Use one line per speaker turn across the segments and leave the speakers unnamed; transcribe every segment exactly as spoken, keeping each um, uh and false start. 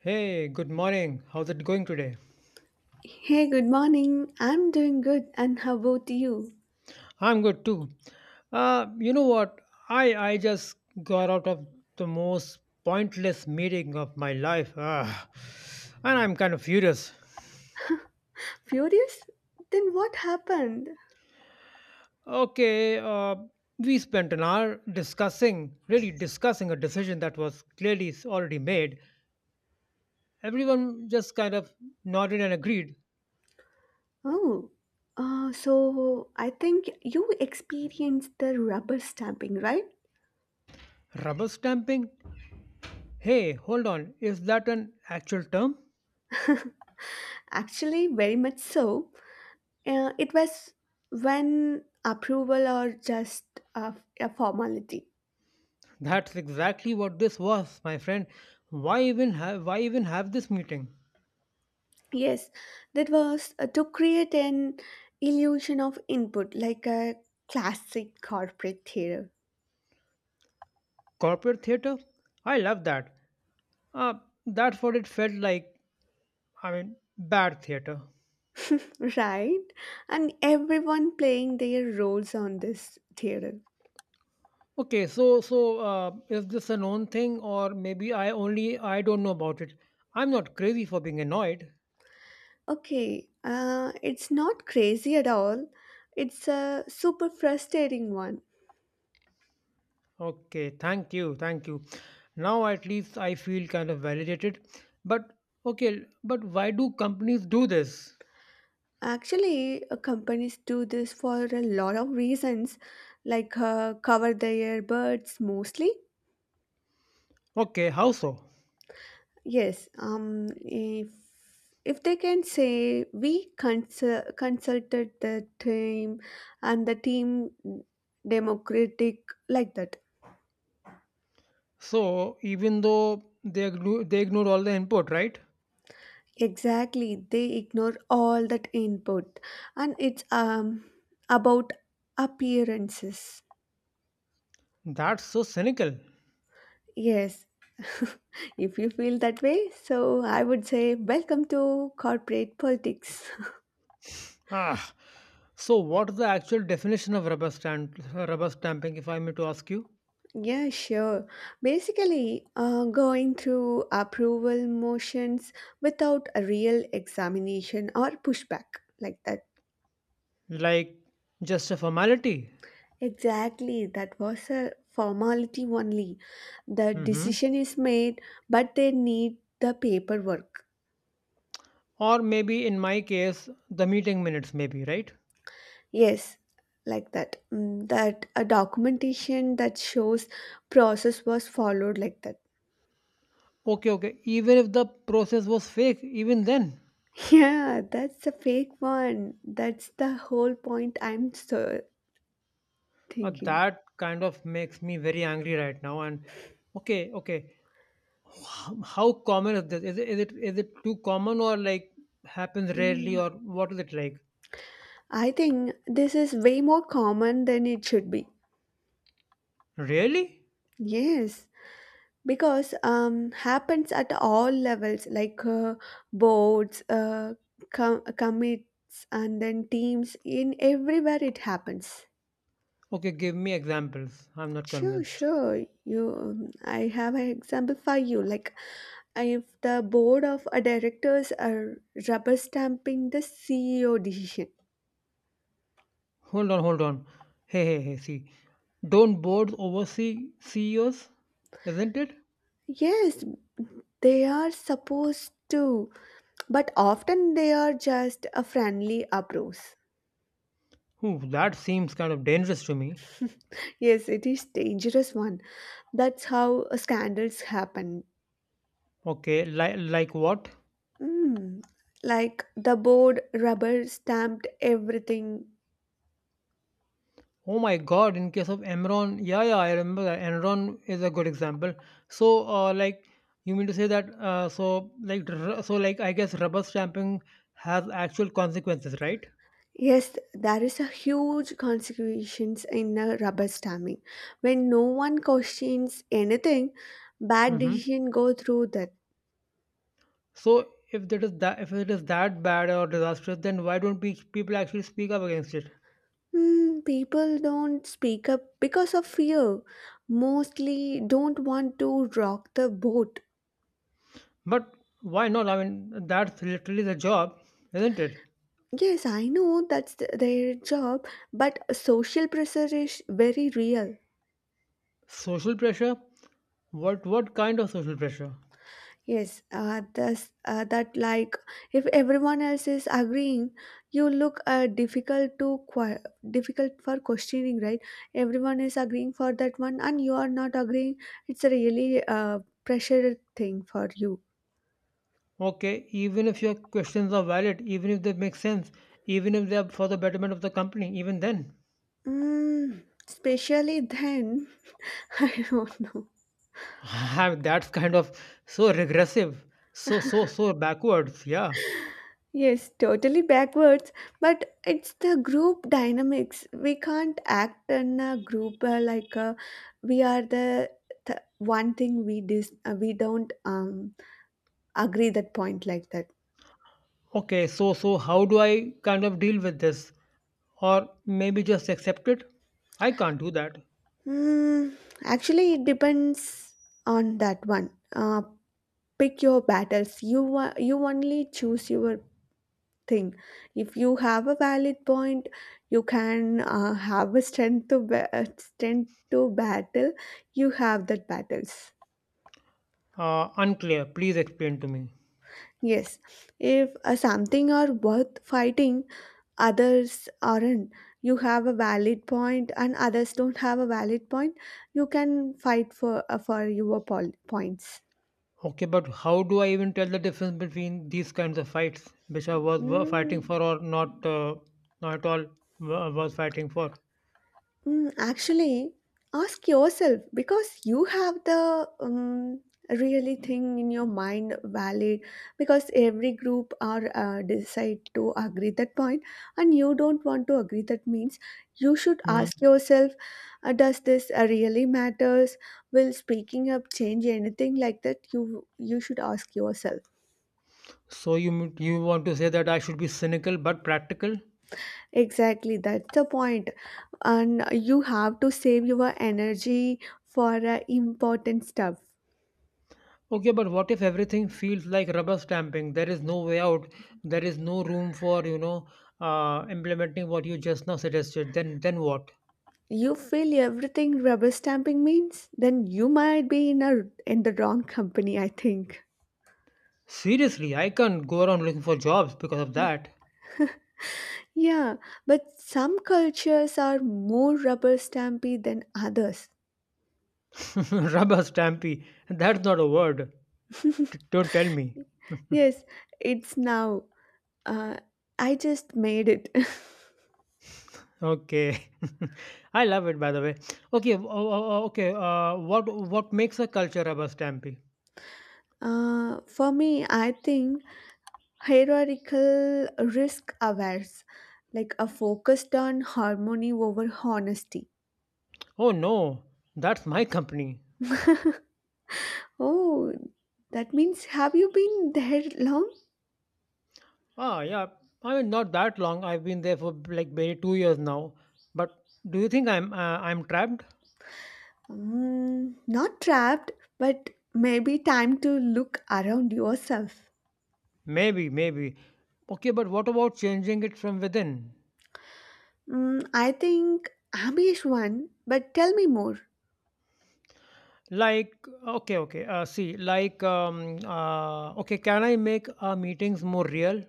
Hey, good morning. How's it going today?
Hey, good morning. I'm doing good, and how about you?
I'm good too. Uh, you know what? I I just got out of the most pointless meeting of my life. Ah, and I'm kind of furious.
Furious? Then what happened?
Okay, uh, we spent an hour discussing, really discussing a decision that was clearly s- already made. Everyone just kind of nodded and agreed.
Oh, uh, so I think you experienced the rubber stamping, right?
Rubber stamping? Hey, hold on. Is that an actual term?
Actually, very much so. Uh, it was when approval or just a, a formality.
That's exactly what this was, my friend. Why even have why even have this meeting?
Yes, that was uh, to create an illusion of input, like a classic corporate theater.
Corporate theater? I love that. Uh, that's what it felt like. I mean, bad theater.
Right? And everyone playing their roles on this theater.
Okay, so so uh, is this a known thing, or maybe I only I don't know about it? I'm not crazy for being annoyed.
Okay, uh, it's not crazy at all. It's a super frustrating one.
Okay, thank you, thank you. Now at least I feel kind of validated. But okay, but why do companies do this?
Actually, uh, companies do this for a lot of reasons, like uh, cover their birds mostly.
Okay, how so?
Yes, um, if if they can say we consul- consulted the team and the team democratic like that.
So even though they igno- they ignore all the input, right?
Exactly, they ignore all that input, and it's um about appearances.
That's so cynical.
Yes, if you feel that way, so I would say welcome to corporate politics.
Ah. So what's the actual definition of rubber stamp rubber stamping, if I may to ask you?
Yeah, sure. Basically, uh, going through approval motions without a real examination or pushback like that.
Like just a formality?
Exactly, that was a formality only. The
Mm-hmm.
decision is made, but they need the paperwork.
Or maybe in my case, the meeting minutes, maybe, right?
Yes, like that. Mm, That a documentation that shows process was followed like that.
Okay, okay. Even if the process was fake, even then,
Yeah, that's a fake one. That's the whole point I'm so
uh,
thinking.
that kind of makes me very angry right now. And okay, okay. How common is this? Is it, is it is it too common or like happens rarely
Mm,
or what is it like?
I think this is way more common than it should be.
Really?
Yes. Because um, happens at all levels like uh, boards, uh, com- commits, and then teams, in everywhere it happens.
Okay, give me examples. I'm not
sure
convinced.
sure you, um, I have an example for you, like if the board of uh, directors are rubber stamping the CEO decision.
Hold on, hold on. Hey, hey, hey, see. Don't boards oversee C E Os? Isn't it?
Yes, they are supposed to, but often they are just a friendly approach.
Ooh, that seems kind of dangerous to me.
Yes, it is dangerous one. That's how scandals happen.
Okay, li- like what?
Mm, Like the board rubber stamped everything.
Oh my God, in case of Enron, yeah, yeah, I remember that. Enron is a good example. So, uh, like, you mean to say that, uh, so, like, r- so, like, I guess rubber stamping has actual consequences, right?
Yes, there is a huge consequences in a rubber stamping. When no one questions anything, bad
Mm-hmm.
decision go through that.
So, if that is that, if it is that bad or disastrous, then why don't pe- people actually speak up against it?
Hmm, people don't speak up because of fear. Mostly don't want to rock the boat.
But why not? I mean, that's literally the job, isn't it?
Yes, I know that's th- their job, but social pressure is very real.
Social pressure? What, what kind of social pressure?
Yes, uh, this, uh, that, like, if everyone else is agreeing, you look uh, difficult to qu difficult for questioning, right? Everyone is agreeing for that one, and you are not agreeing. It's a really uh, pressure thing for you.
Okay, even if your questions are valid, even if they make sense, even if they are for the betterment of the company, even then,
Mm, especially then, I don't know.
I mean, that's kind of so regressive, so so so backwards. Yeah.
Yes, totally backwards, but it's the group dynamics. We can't act in a group uh, like, uh, we are the th- one thing we dis- uh, we don't um, agree that point like that.
Okay, so so how do I kind of deal with this, or maybe just accept it? I can't do that.
Hmm. Actually, it depends on that one. Uh, pick your battles. You wa- you only choose your thing. If you have a valid point, you can uh, have a strength to ba- uh, strength to battle. You have that battles.
Uh, unclear. Please explain to me.
Yes, if uh, something are worth fighting, others aren't. You have a valid point, and others don't have a valid point. You can fight for uh, for your pol- points.
Okay, but how do I even tell the difference between these kinds of fights, which I was were fighting
Mm,
for or not, uh, not at all wa- was fighting for?
Mm, actually, ask yourself, because you have the um, really thing in your mind valid, because every group are uh, decide to agree that point and you don't want to agree, that means you should
Hmm.
ask yourself, uh, does this uh, really matters, will speaking up change anything like that. You you should ask yourself.
So you m- you want to say that I should be cynical but practical?
Exactly, that's the point, and you have to save your energy for uh, important stuff.
Okay, but what if everything feels like rubber stamping? There is no way out. There is no room for you know uh, implementing what you just now suggested. Then then what?
You feel everything rubber stamping means, then you might be in a in the wrong company, I think.
Seriously, I can't go around looking for jobs because of that.
Yeah, but some cultures are more rubber stampy than others.
rubber stampy. That's not a word. D- don't tell me.
Yes, it's now. Uh, I just made it.
Okay, I love it by the way. Okay, w- o- o- okay. Uh, what what makes a culture rubber stampy?
Uh, for me, I think hierarchical risk awares, like a focused on harmony over honesty.
Oh no, that's my company.
Oh, that means, have you been there long?
Ah, yeah. I mean, not that long. I've been there for like maybe two years now. But do you think I'm uh, I'm trapped?
Mm, not trapped, but maybe time to look around yourself.
Maybe, maybe. Okay, but what about changing it from within?
Mm, I think Amish one, but tell me more.
Like, okay, okay. Uh, see, like, um, uh, okay. Can I make our meetings more real?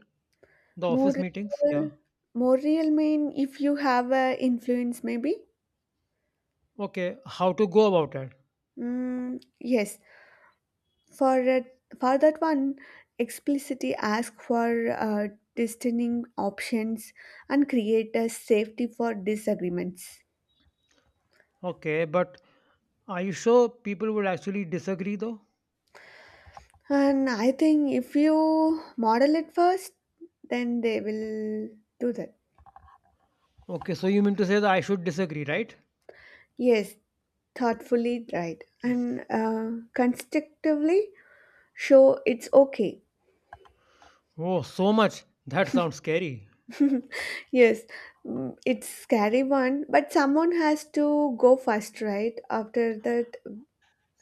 The
More
office meetings? Yeah.
real, more real mean, if you have a influence, maybe.
Okay. How to go about it?
Mm, yes, for a- for that one, explicitly ask for uh, distinct options and create a safety for disagreements.
Okay, but are you sure people would actually disagree though?
And I think if you model it first, then they will do that.
Okay, so you mean to say that I should disagree, right?
Yes, thoughtfully, right. And uh, constructively show it's okay.
Oh, so much. That sounds scary.
Yes, mm, it's scary one, but someone has to go first, right? After that,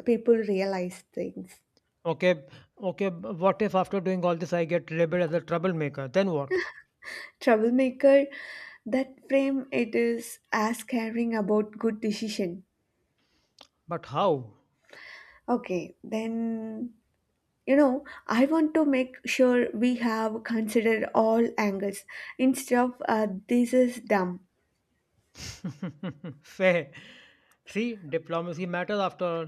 people realize things.
Okay, okay, b- what if after doing all this I get labeled as a troublemaker? Then what?
Troublemaker, that frame it is as caring about good decision.
But how?
Okay, then, you know I want to make sure we have considered all angles instead of uh, this is dumb.
Fair. See, diplomacy matters after all.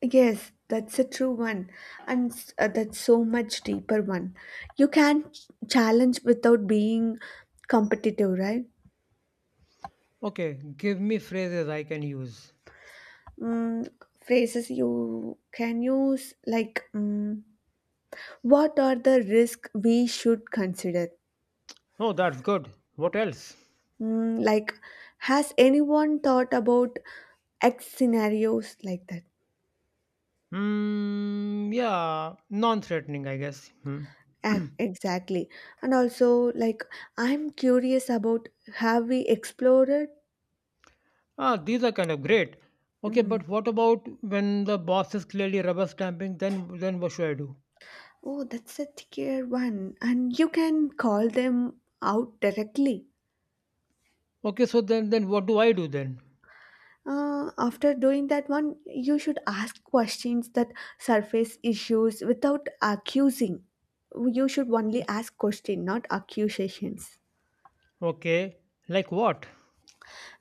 Yes, that's a true one, and s- uh, that's so much deeper one. You can ch- challenge without being competitive, right?
Okay, give me phrases I can use.
mm, Phrases you can use, like, mm, what are the risks we should consider.
Oh, that's good. What else?
Mm, like, has anyone thought about x scenarios like that.
Hmm, yeah, non threatening, I guess. Hmm.
Ac- Exactly. And also, like, I'm curious about, have we explored it?
Ah, these are kind of great. Okay,
Mm.
but what about when the boss is clearly rubber stamping? Then, then what should I do?
Oh, that's a tier one. And you can call them out directly.
Okay, so then, then what do I do then?
Uh, after doing that one, you should ask questions that surface issues without accusing. You should only ask question, not accusations.
Okay, like what?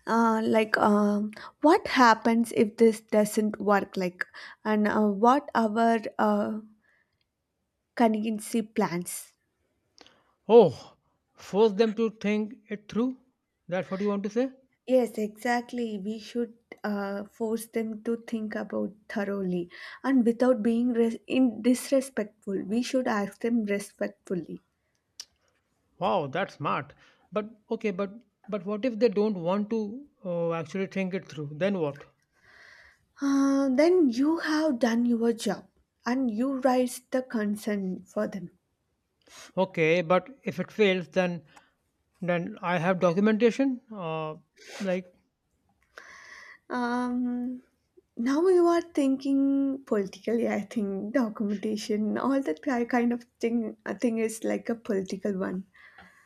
Uh, like, um, what happens if this doesn't work? Like, and uh, what our uh, contingency plans.
Oh, force them to think it through. That's what you want to say?
Yes, exactly. We should uh, force them to think about thoroughly and without being res- in disrespectful. We should ask them respectfully.
Wow, that's smart. But okay, but but what if they don't want to uh, actually think it through? Then what?
Uh, then you have done your job, and you raised the concern for them.
Okay, but if it fails, then then I have documentation. Uh, like,
Um, Now you are thinking politically, I think, documentation, all that ki- kind of thing, I think is like a political one.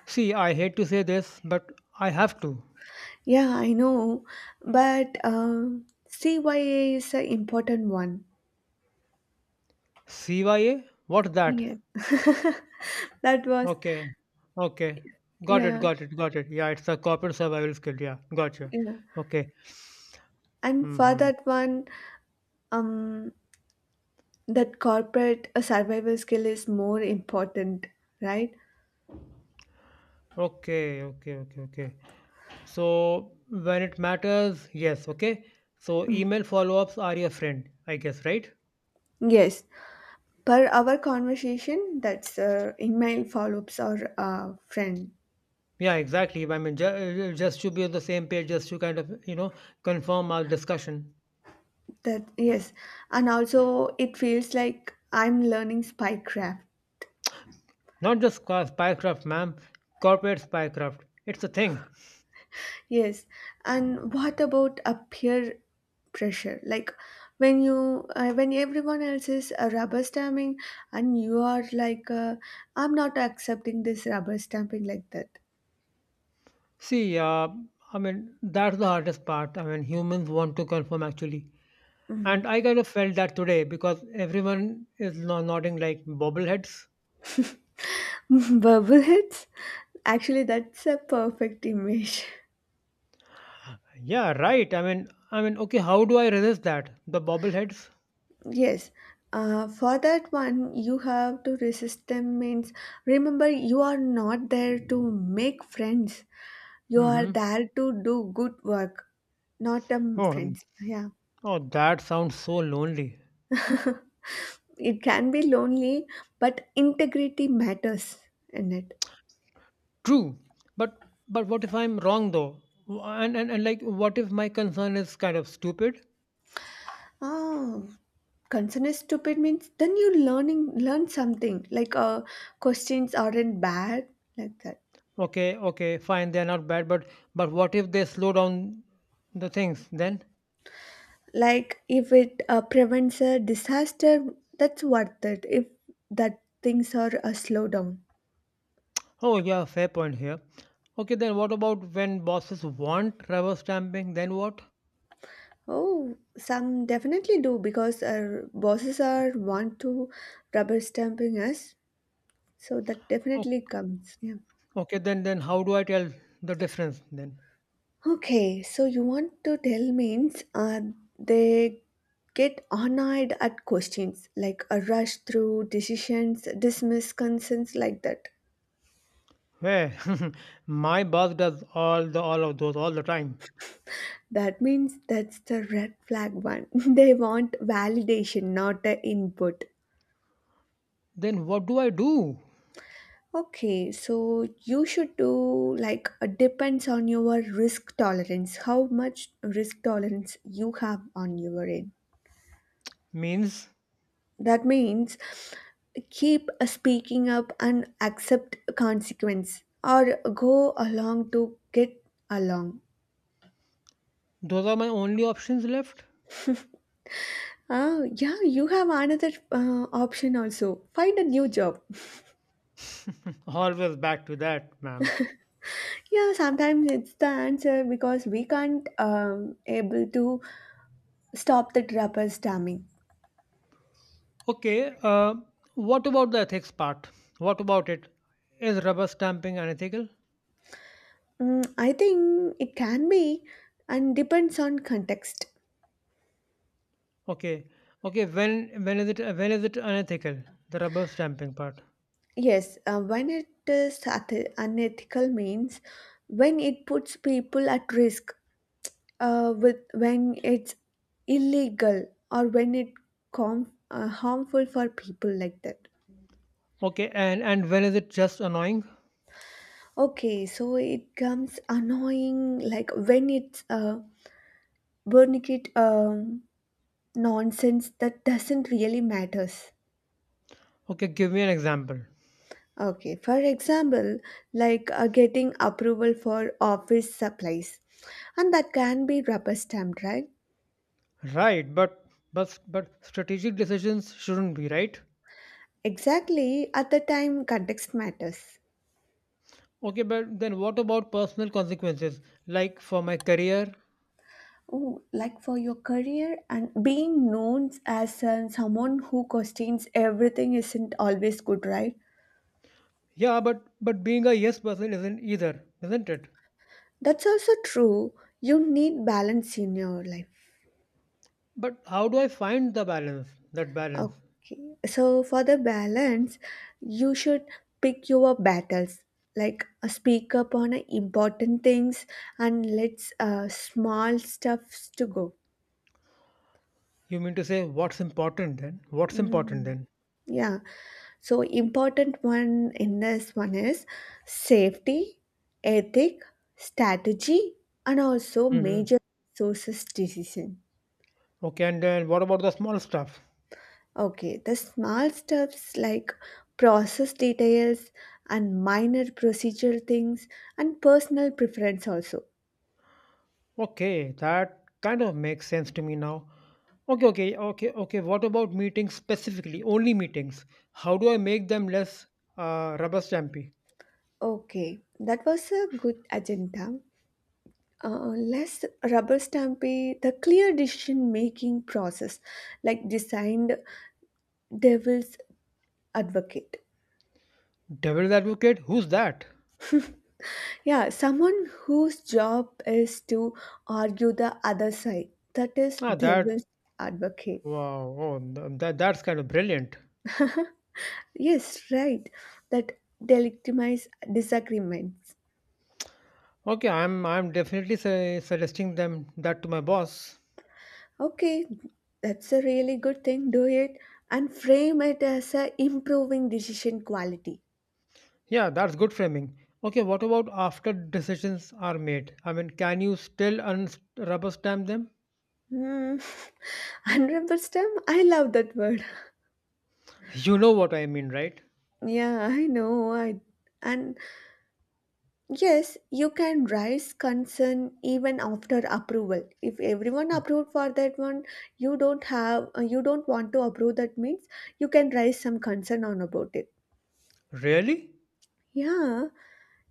see, I hate to say this, but I have to.
Yeah, I know, but um, C Y A is an important one.
C Y A? What's that?
Yeah, that was,
Okay, okay, got it,
yeah,
got it, got it. Yeah, it's a corporate survival skill. Yeah, gotcha.
yeah.
Okay.
And for
Mm-hmm.
that one, um, that corporate uh, survival skill is more important, right?
Okay, okay, okay, okay. So when it matters, yes, okay. So email follow-ups are your friend, I guess, right?
Yes. Per our conversation, that's uh, email follow-ups or uh, friend.
Yeah, exactly. I mean, ju- uh, just to be on the same page, just to kind of, you know, confirm our discussion.
That, yes, and also it feels like I'm learning spycraft.
Not just ca- spycraft, ma'am, corporate spycraft. It's a thing.
Yes, and what about a peer pressure? Like, when you, uh, when everyone else is uh, rubber stamping, and you are like, uh, I'm not accepting this rubber stamping like that.
See, uh, I mean, that's the hardest part. I mean, humans want to confirm actually. And I kind of felt that today because everyone is no- nodding like bobbleheads.
Bubbleheads. Actually, that's a perfect image.
Yeah, right. I mean, I mean, okay, how do I resist that? The bobbleheads?
Yes. Uh, for that one, you have to resist them means, remember, you are not there to make friends. You are
Mm-hmm.
there to do good work, not um,
Oh, mm,
friends. Yeah.
oh, that sounds so lonely.
It can be lonely, but integrity matters in it.
True, but but what if I'm wrong though? W- And and, and like, what if my concern is kind of stupid?
Oh, concern is stupid means, then you learning learn something, like, uh, questions aren't bad like that.
Okay, okay, fine, they're not bad, but but what if they slow down the things then?
Like if it uh, prevents a disaster, that's worth it. If that things are a slowdown.
Oh yeah, fair point here. Okay, then what about when bosses want rubber stamping? Then what?
Oh, some definitely do, because our bosses are want to rubber stamping us, so that
Oh,
definitely comes. Yeah.
okay, then then how do I tell the difference then?
Okay, so you want to tell means, uh, they get annoyed at questions, like a rush through decisions, dismiss concerns like that.
Hey, my boss does all the all of those all the time.
That means that's the red flag one. They want validation, not the input.
Then what do I do?
Okay, so you should do like, uh, depends on your risk tolerance, how much risk tolerance you have on your end.
Means
That means keep speaking up and accept consequence, or go along to get along.
those are my only options left?
Ah, yeah, you have another uh, option also. Find a new job.
Always back to that, ma'am.
Yeah, sometimes it's the answer, because we can't um, able to stop the trapper stamming.
Okay, uh, what about the ethics part? What about it? Is rubber stamping unethical?
Mm, I think it can be, and depends on context.
Okay, okay. When when is it when is it unethical? The rubber stamping part.
Yes, uh, when it is unethi- unethical means, when it puts people at risk, uh, with when it's illegal, or when it com- uh, harmful for people like that.
Okay, and and when is it just annoying?
Okay, so it comes annoying, like when it's uh, burnigate um, nonsense that doesn't really matters.
Okay, give me an example.
Okay, for example, like uh, getting approval for office supplies, and that can be rubber stamped, right?
Right, but but but strategic decisions shouldn't be right.
Exactly, at the time, context matters.
Okay, but then what about personal consequences? Like for my career.
Oh, like for your career, and being known as uh, someone who questions everything isn't always good, right?
Yeah, but but being a yes person isn't either, isn't it?
That's also true. You need balance in your life.
But how do I find the balance? That balance.
Okay, so for the balance, you should pick your battles. Like, uh, speak up on uh, important things, and let's uh, small stuffs to go.
You mean to say what's important then? What's important
Mm,
then?
yeah. So important one in this one is safety, ethic, strategy, and also
Hmm.
major sources decision.
Okay, and then what about the small stuff?
Okay, the small steps like process details and minor procedural things and personal preference also.
Okay, that kind of makes sense to me now. Okay, okay, okay, okay. What about meetings specifically? Only meetings. How do I make them less uh, rubber stampy?
Okay, that was a good agenda. Uh, less rubber stampy, the clear decision making process, like designed devil's advocate.
Devil's advocate? Who's that?
Yeah, someone whose job is to argue the other side, that is
Ah,
devil's
that.
advocate.
Wow. Oh, th- that that's kind of brilliant.
Yes, right, that delegitimize disagreements.
Okay, I'm I'm definitely su- suggesting them that to my boss.
Okay, that's a really good thing, do it and frame it as a improving decision quality.
Yeah, that's good framing. Okay, what about after decisions are made? I mean, can you still un- rubber stamp them?
Hmm. Honorable STEM, I love that word.
You know what I mean, right?
Yeah, I know. I and Yes, you can raise concern even after approval. If everyone approved for that one, you don't have, uh, you don't want to approve, that means you can raise some concern on about it.
Really?
Yeah,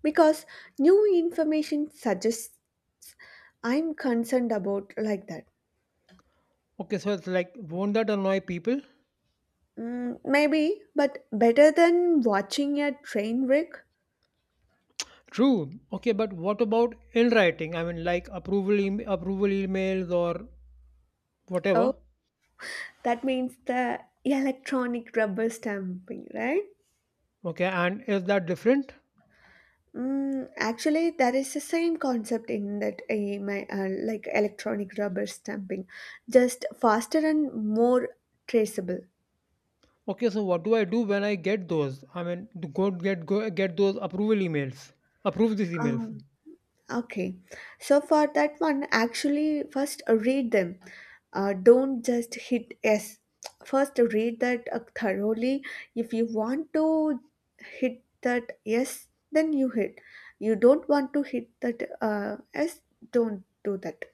because new information suggests I'm concerned about like that.
Okay, so it's like, won't that annoy people?
Mm, maybe, but better than watching a train wreck.
True. Okay, but what about in writing? I mean, like approval em- approval emails or
Oh,
whatever.
that means the electronic rubber stamping, right?
Okay, and is that different?
Mm, actually, that is the same concept in that, uh, my uh, like, electronic rubber stamping, just faster and more traceable.
Okay, so what do I do when I get those? I mean, to go get go get those approval emails. Approve these emails.
Um, okay, so for that one, actually, first read them. Uh, don't just hit yes. First, read that uh, thoroughly. If you want to hit that yes, then you hit. You don't want to hit that uh, yes, don't do that.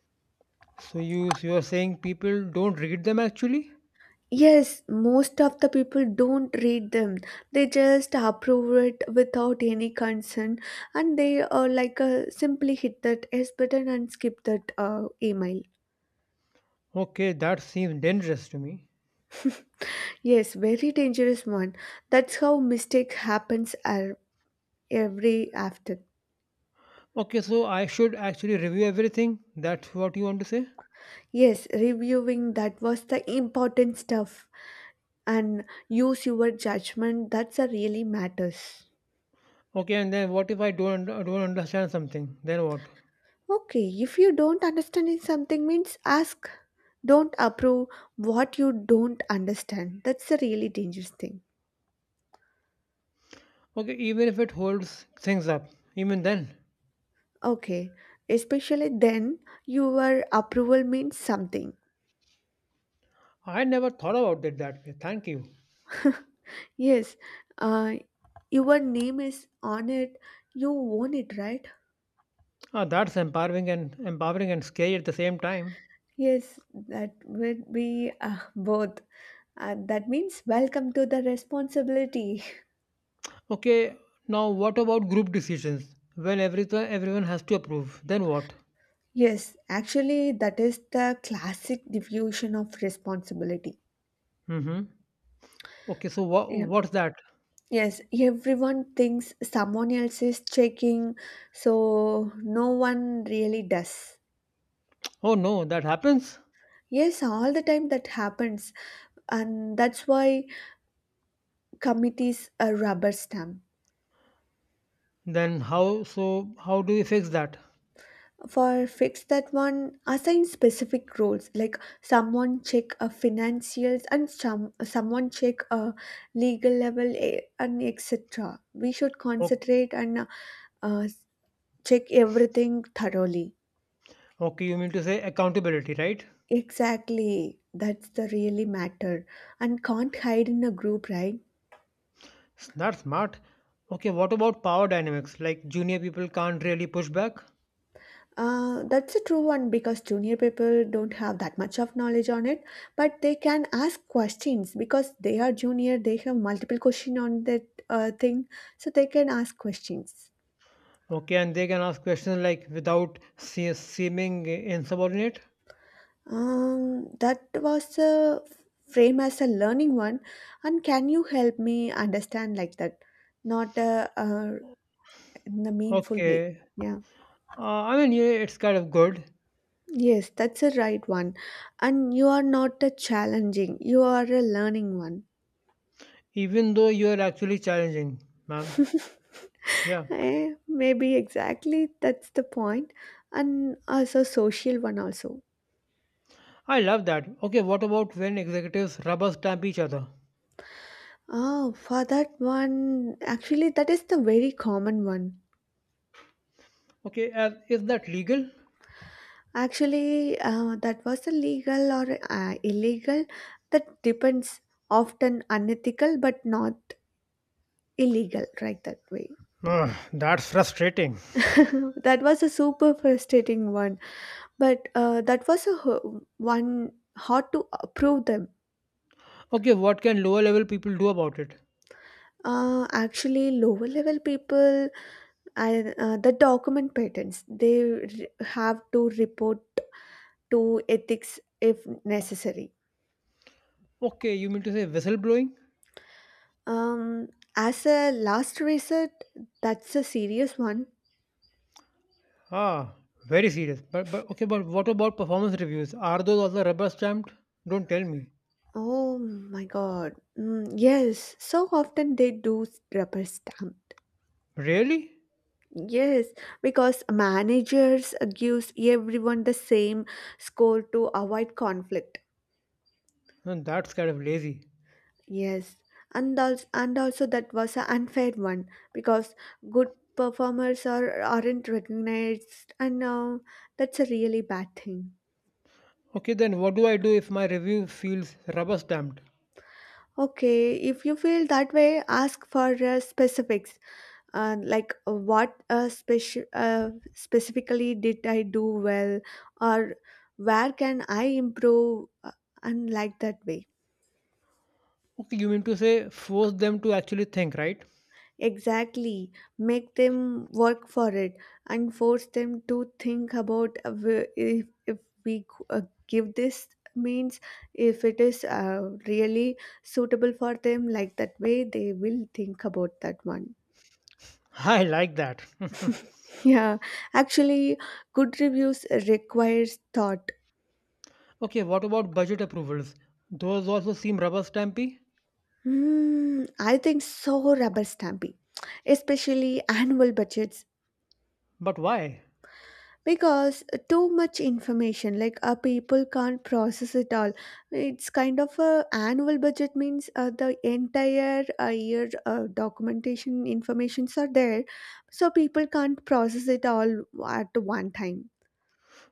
So you so you're saying people don't read them actually?
Yes, most of the people don't read them. They just approve it without any concern and they uh, like uh, simply hit that S button and skip that uh, email.
Okay, that seems dangerous to me.
Yes, very dangerous one. That's how mistake happens ar- every after.
Okay, so I should actually review everything. That's what you want to say?
Yes, reviewing that was the important stuff and use your judgment that's a really matters.
Okay, and then what if I don't un- don't understand something? Then what?
Okay, if you don't understand something means ask don't approve what you don't understand. That's a really dangerous thing.
Okay, even if it holds things up, even then,
Okay, especially then your approval means something.
I never thought about it that way. Thank you.
Yes, uh, your name is on it, you own it, right?
Ah, that's empowering and empowering and scary at the same time.
Yes, that would be uh, both. Uh, that means welcome to the responsibility.
Okay, now what about group decisions? When everything everyone has to approve, then what?
Yes, actually, that is the classic diffusion of responsibility.
Mm-hmm. Okay, so what
Yeah.
what's that?
Yes, everyone thinks someone else is checking, so no one really does.
Oh no, that happens.
Yes, all the time that happens, and that's why committees are rubber stamp.
Then how? So how do we fix that?
For fix that one, assign specific roles like someone check a financials and some someone check a legal level eh, and et cetera. We should
Okay,
concentrate and uh, check everything thoroughly.
okay, you mean to say accountability, right?
Exactly, that's the really matter, and can't hide in a group, right?
S- That's smart. Okay, what about power dynamics? Like junior people can't really push back.
Uh, that's a true one because junior people don't have that much of knowledge on it, but they can ask questions because they are junior. They have multiple question on that uh, thing, so they can ask questions.
Okay, and they can ask questions like without se- seeming insubordinate.
Um, that was a frame as a learning one, and can you help me understand like that, not uh, uh, in a meaningful way?
Okay,
Yeah.
uh, I mean yeah, it's kind of good.
Yes, that's a right one. And you are not a challenging, you are a learning one.
Even though you are actually challenging, ma'am. Yeah,
Eh, maybe exactly that's the point. And also social one also.
I love that. Okay, what about when executives rubber stamp each other?
Oh, for that one, actually, that is the very common one.
Okay, as, is that legal?
Actually, uh, that was a legal or uh, illegal. That depends often unethical, but not illegal, right? That way.
Ugh, that's frustrating.
That was a super frustrating one. But uh, that was a ho- one hard to approve them.
Okay, what can lower level people do about it?
Uh, actually, lower level people and uh, the document patents they re- have to report to ethics if necessary.
Okay, you mean to say whistleblowing?
Um, as a last resort, that's a serious one.
Ah, very serious. But, but okay, but what about performance reviews? Are those also rubber stamped? Don't tell me.
Oh my god. Mm, yes, so often they do rubber stamp.
Really?
Yes, because managers gives everyone the same score to avoid conflict.
Hmm, that's kind of lazy.
Yes, and also, and also that was an unfair one because good performers are aren't recognized, and uh, that's a really bad thing.
Okay, then what do I do if my review feels rubber stamped?
Okay, if you feel that way, ask for uh, specifics. And like uh, what uh, speci- uh, specifically did I do well or where can I improve uh, and like that way,
Okay, you mean to say force them to actually think, right?
exactly, make them work for it and force them to think about uh, wh- if, if we g- uh, give this means if it is uh, really suitable for them, like that way they will think about that one.
I like that.
Yeah, actually, good reviews requires thought.
Okay, what about budget approvals? Those also seem rubber stampy,
Hmm, I think so, rubber stamping, especially annual budgets,
but why?
because too much information, like uh, people can't process it all. It's kind of a annual budget means uh, the entire uh, year uh, documentation informations are there, so people can't process it all at one time.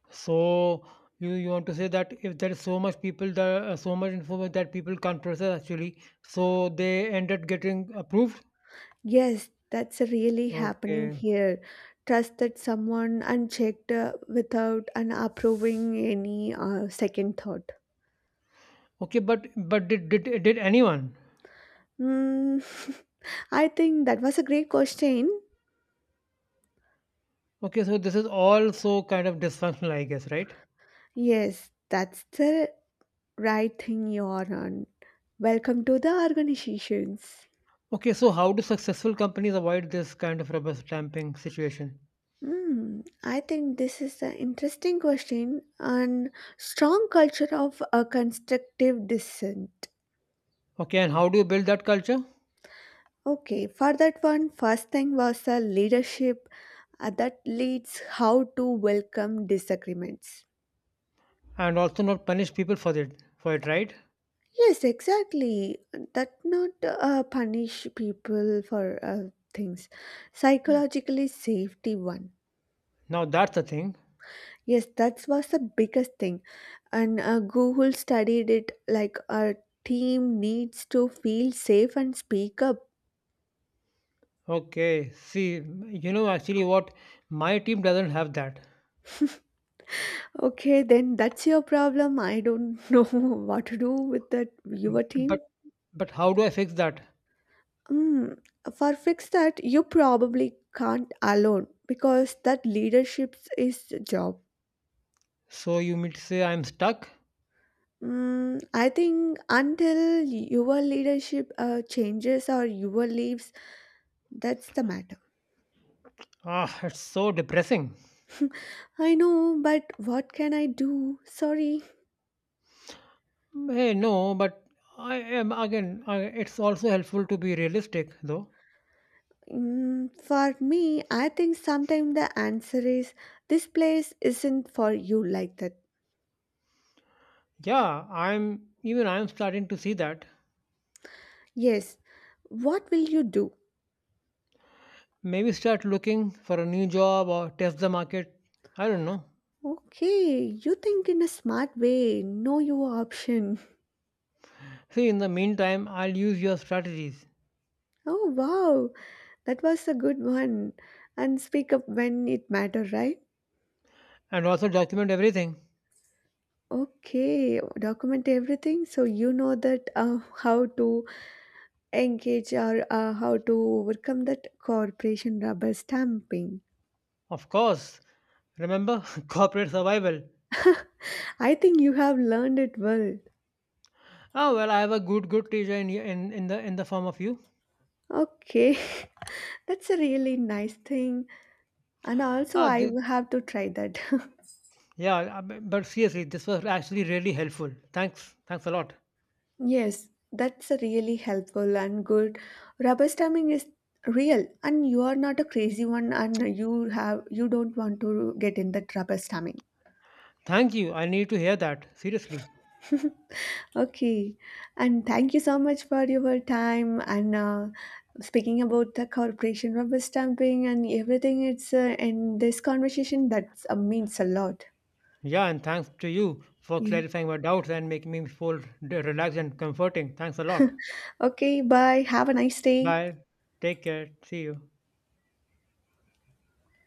So you, you want to say that if there is so much people that uh, so much info that people can't process actually, so they ended getting approved.
Yes, that's really happening
Okay,
here. Trusted someone unchecked uh, without an approving any uh, second thought.
okay, but but did did did anyone?
Mm, I think that was a great question.
Okay, so this is also kind of dysfunctional, I guess, right?
Yes, that's the right thing you are on. Welcome to the organizations.
Okay, so how do successful companies avoid this kind of rubber stamping situation?
Hmm, I think this is an interesting question and strong culture of a constructive dissent.
Okay, and how do you build that culture?
Okay, for that one, first thing was a leadership uh, that leads how to welcome disagreements.
And also not punish people for it for it, right?
Yes, exactly. That not uh, punish people for uh, things. Psychologically safety one.
Now that's the thing.
Yes, that was the biggest thing, and uh, Google studied it. Like a team needs to feel safe and speak up.
Okay, see, you know, actually what, my team doesn't have that.
Okay, then that's your problem. I don't know what to do with that
Mm,
your
but
team.
but how do I fix that?
Mm, for fix that, you probably can't alone because that leadership is job.
So you mean to say I'm stuck.
Mm, I think until your leadership uh, changes or your leaves, that's the matter.
Ah, it's so depressing.
I know, but what can I do? Sorry.
Mm, hey no, but I am again I, it's also helpful to be realistic though.
Mm, for me, I think sometimes the answer is this place isn't for you, like that.
Yeah, I'm even I'm starting to see that.
Yes. What will you do?
Maybe start looking for a new job or test the market. I don't know.
Okay, you think in a smart way. Know your option.
See, in the meantime I'll use your strategies.
Oh wow, that was a good one. And speak up when it matter, right?
And also document everything.
Okay, document everything so you know that uh, how to engage or uh, how to overcome that corporation rubber stamping.
Of course, remember corporate survival.
I think you have learned it well.
Oh well, I have a good good teacher in y- in in the in the form of you.
Okay, that's a really nice thing, and also
Ah,
I
thi-
will have to try that.
yeah, uh, bu- but seriously, this was actually really helpful. Thanks, thanks a lot.
Yes, that's a really helpful and good. Rubber stamping is real, and you are not a crazy one, and you have you don't want to get in that rubber stamping.
Thank you. I need to hear that seriously.
Okay, and thank you so much for your time and uh, speaking about the corporation rubber stamping and everything. It's uh, in this conversation that uh, means a lot.
Yeah, and thanks to you for
Yeah.
clarifying my doubts and making me feel d- relaxed and comforting. Thanks a lot.
Okay. Bye. Have a nice day.
Bye. Take care. See you.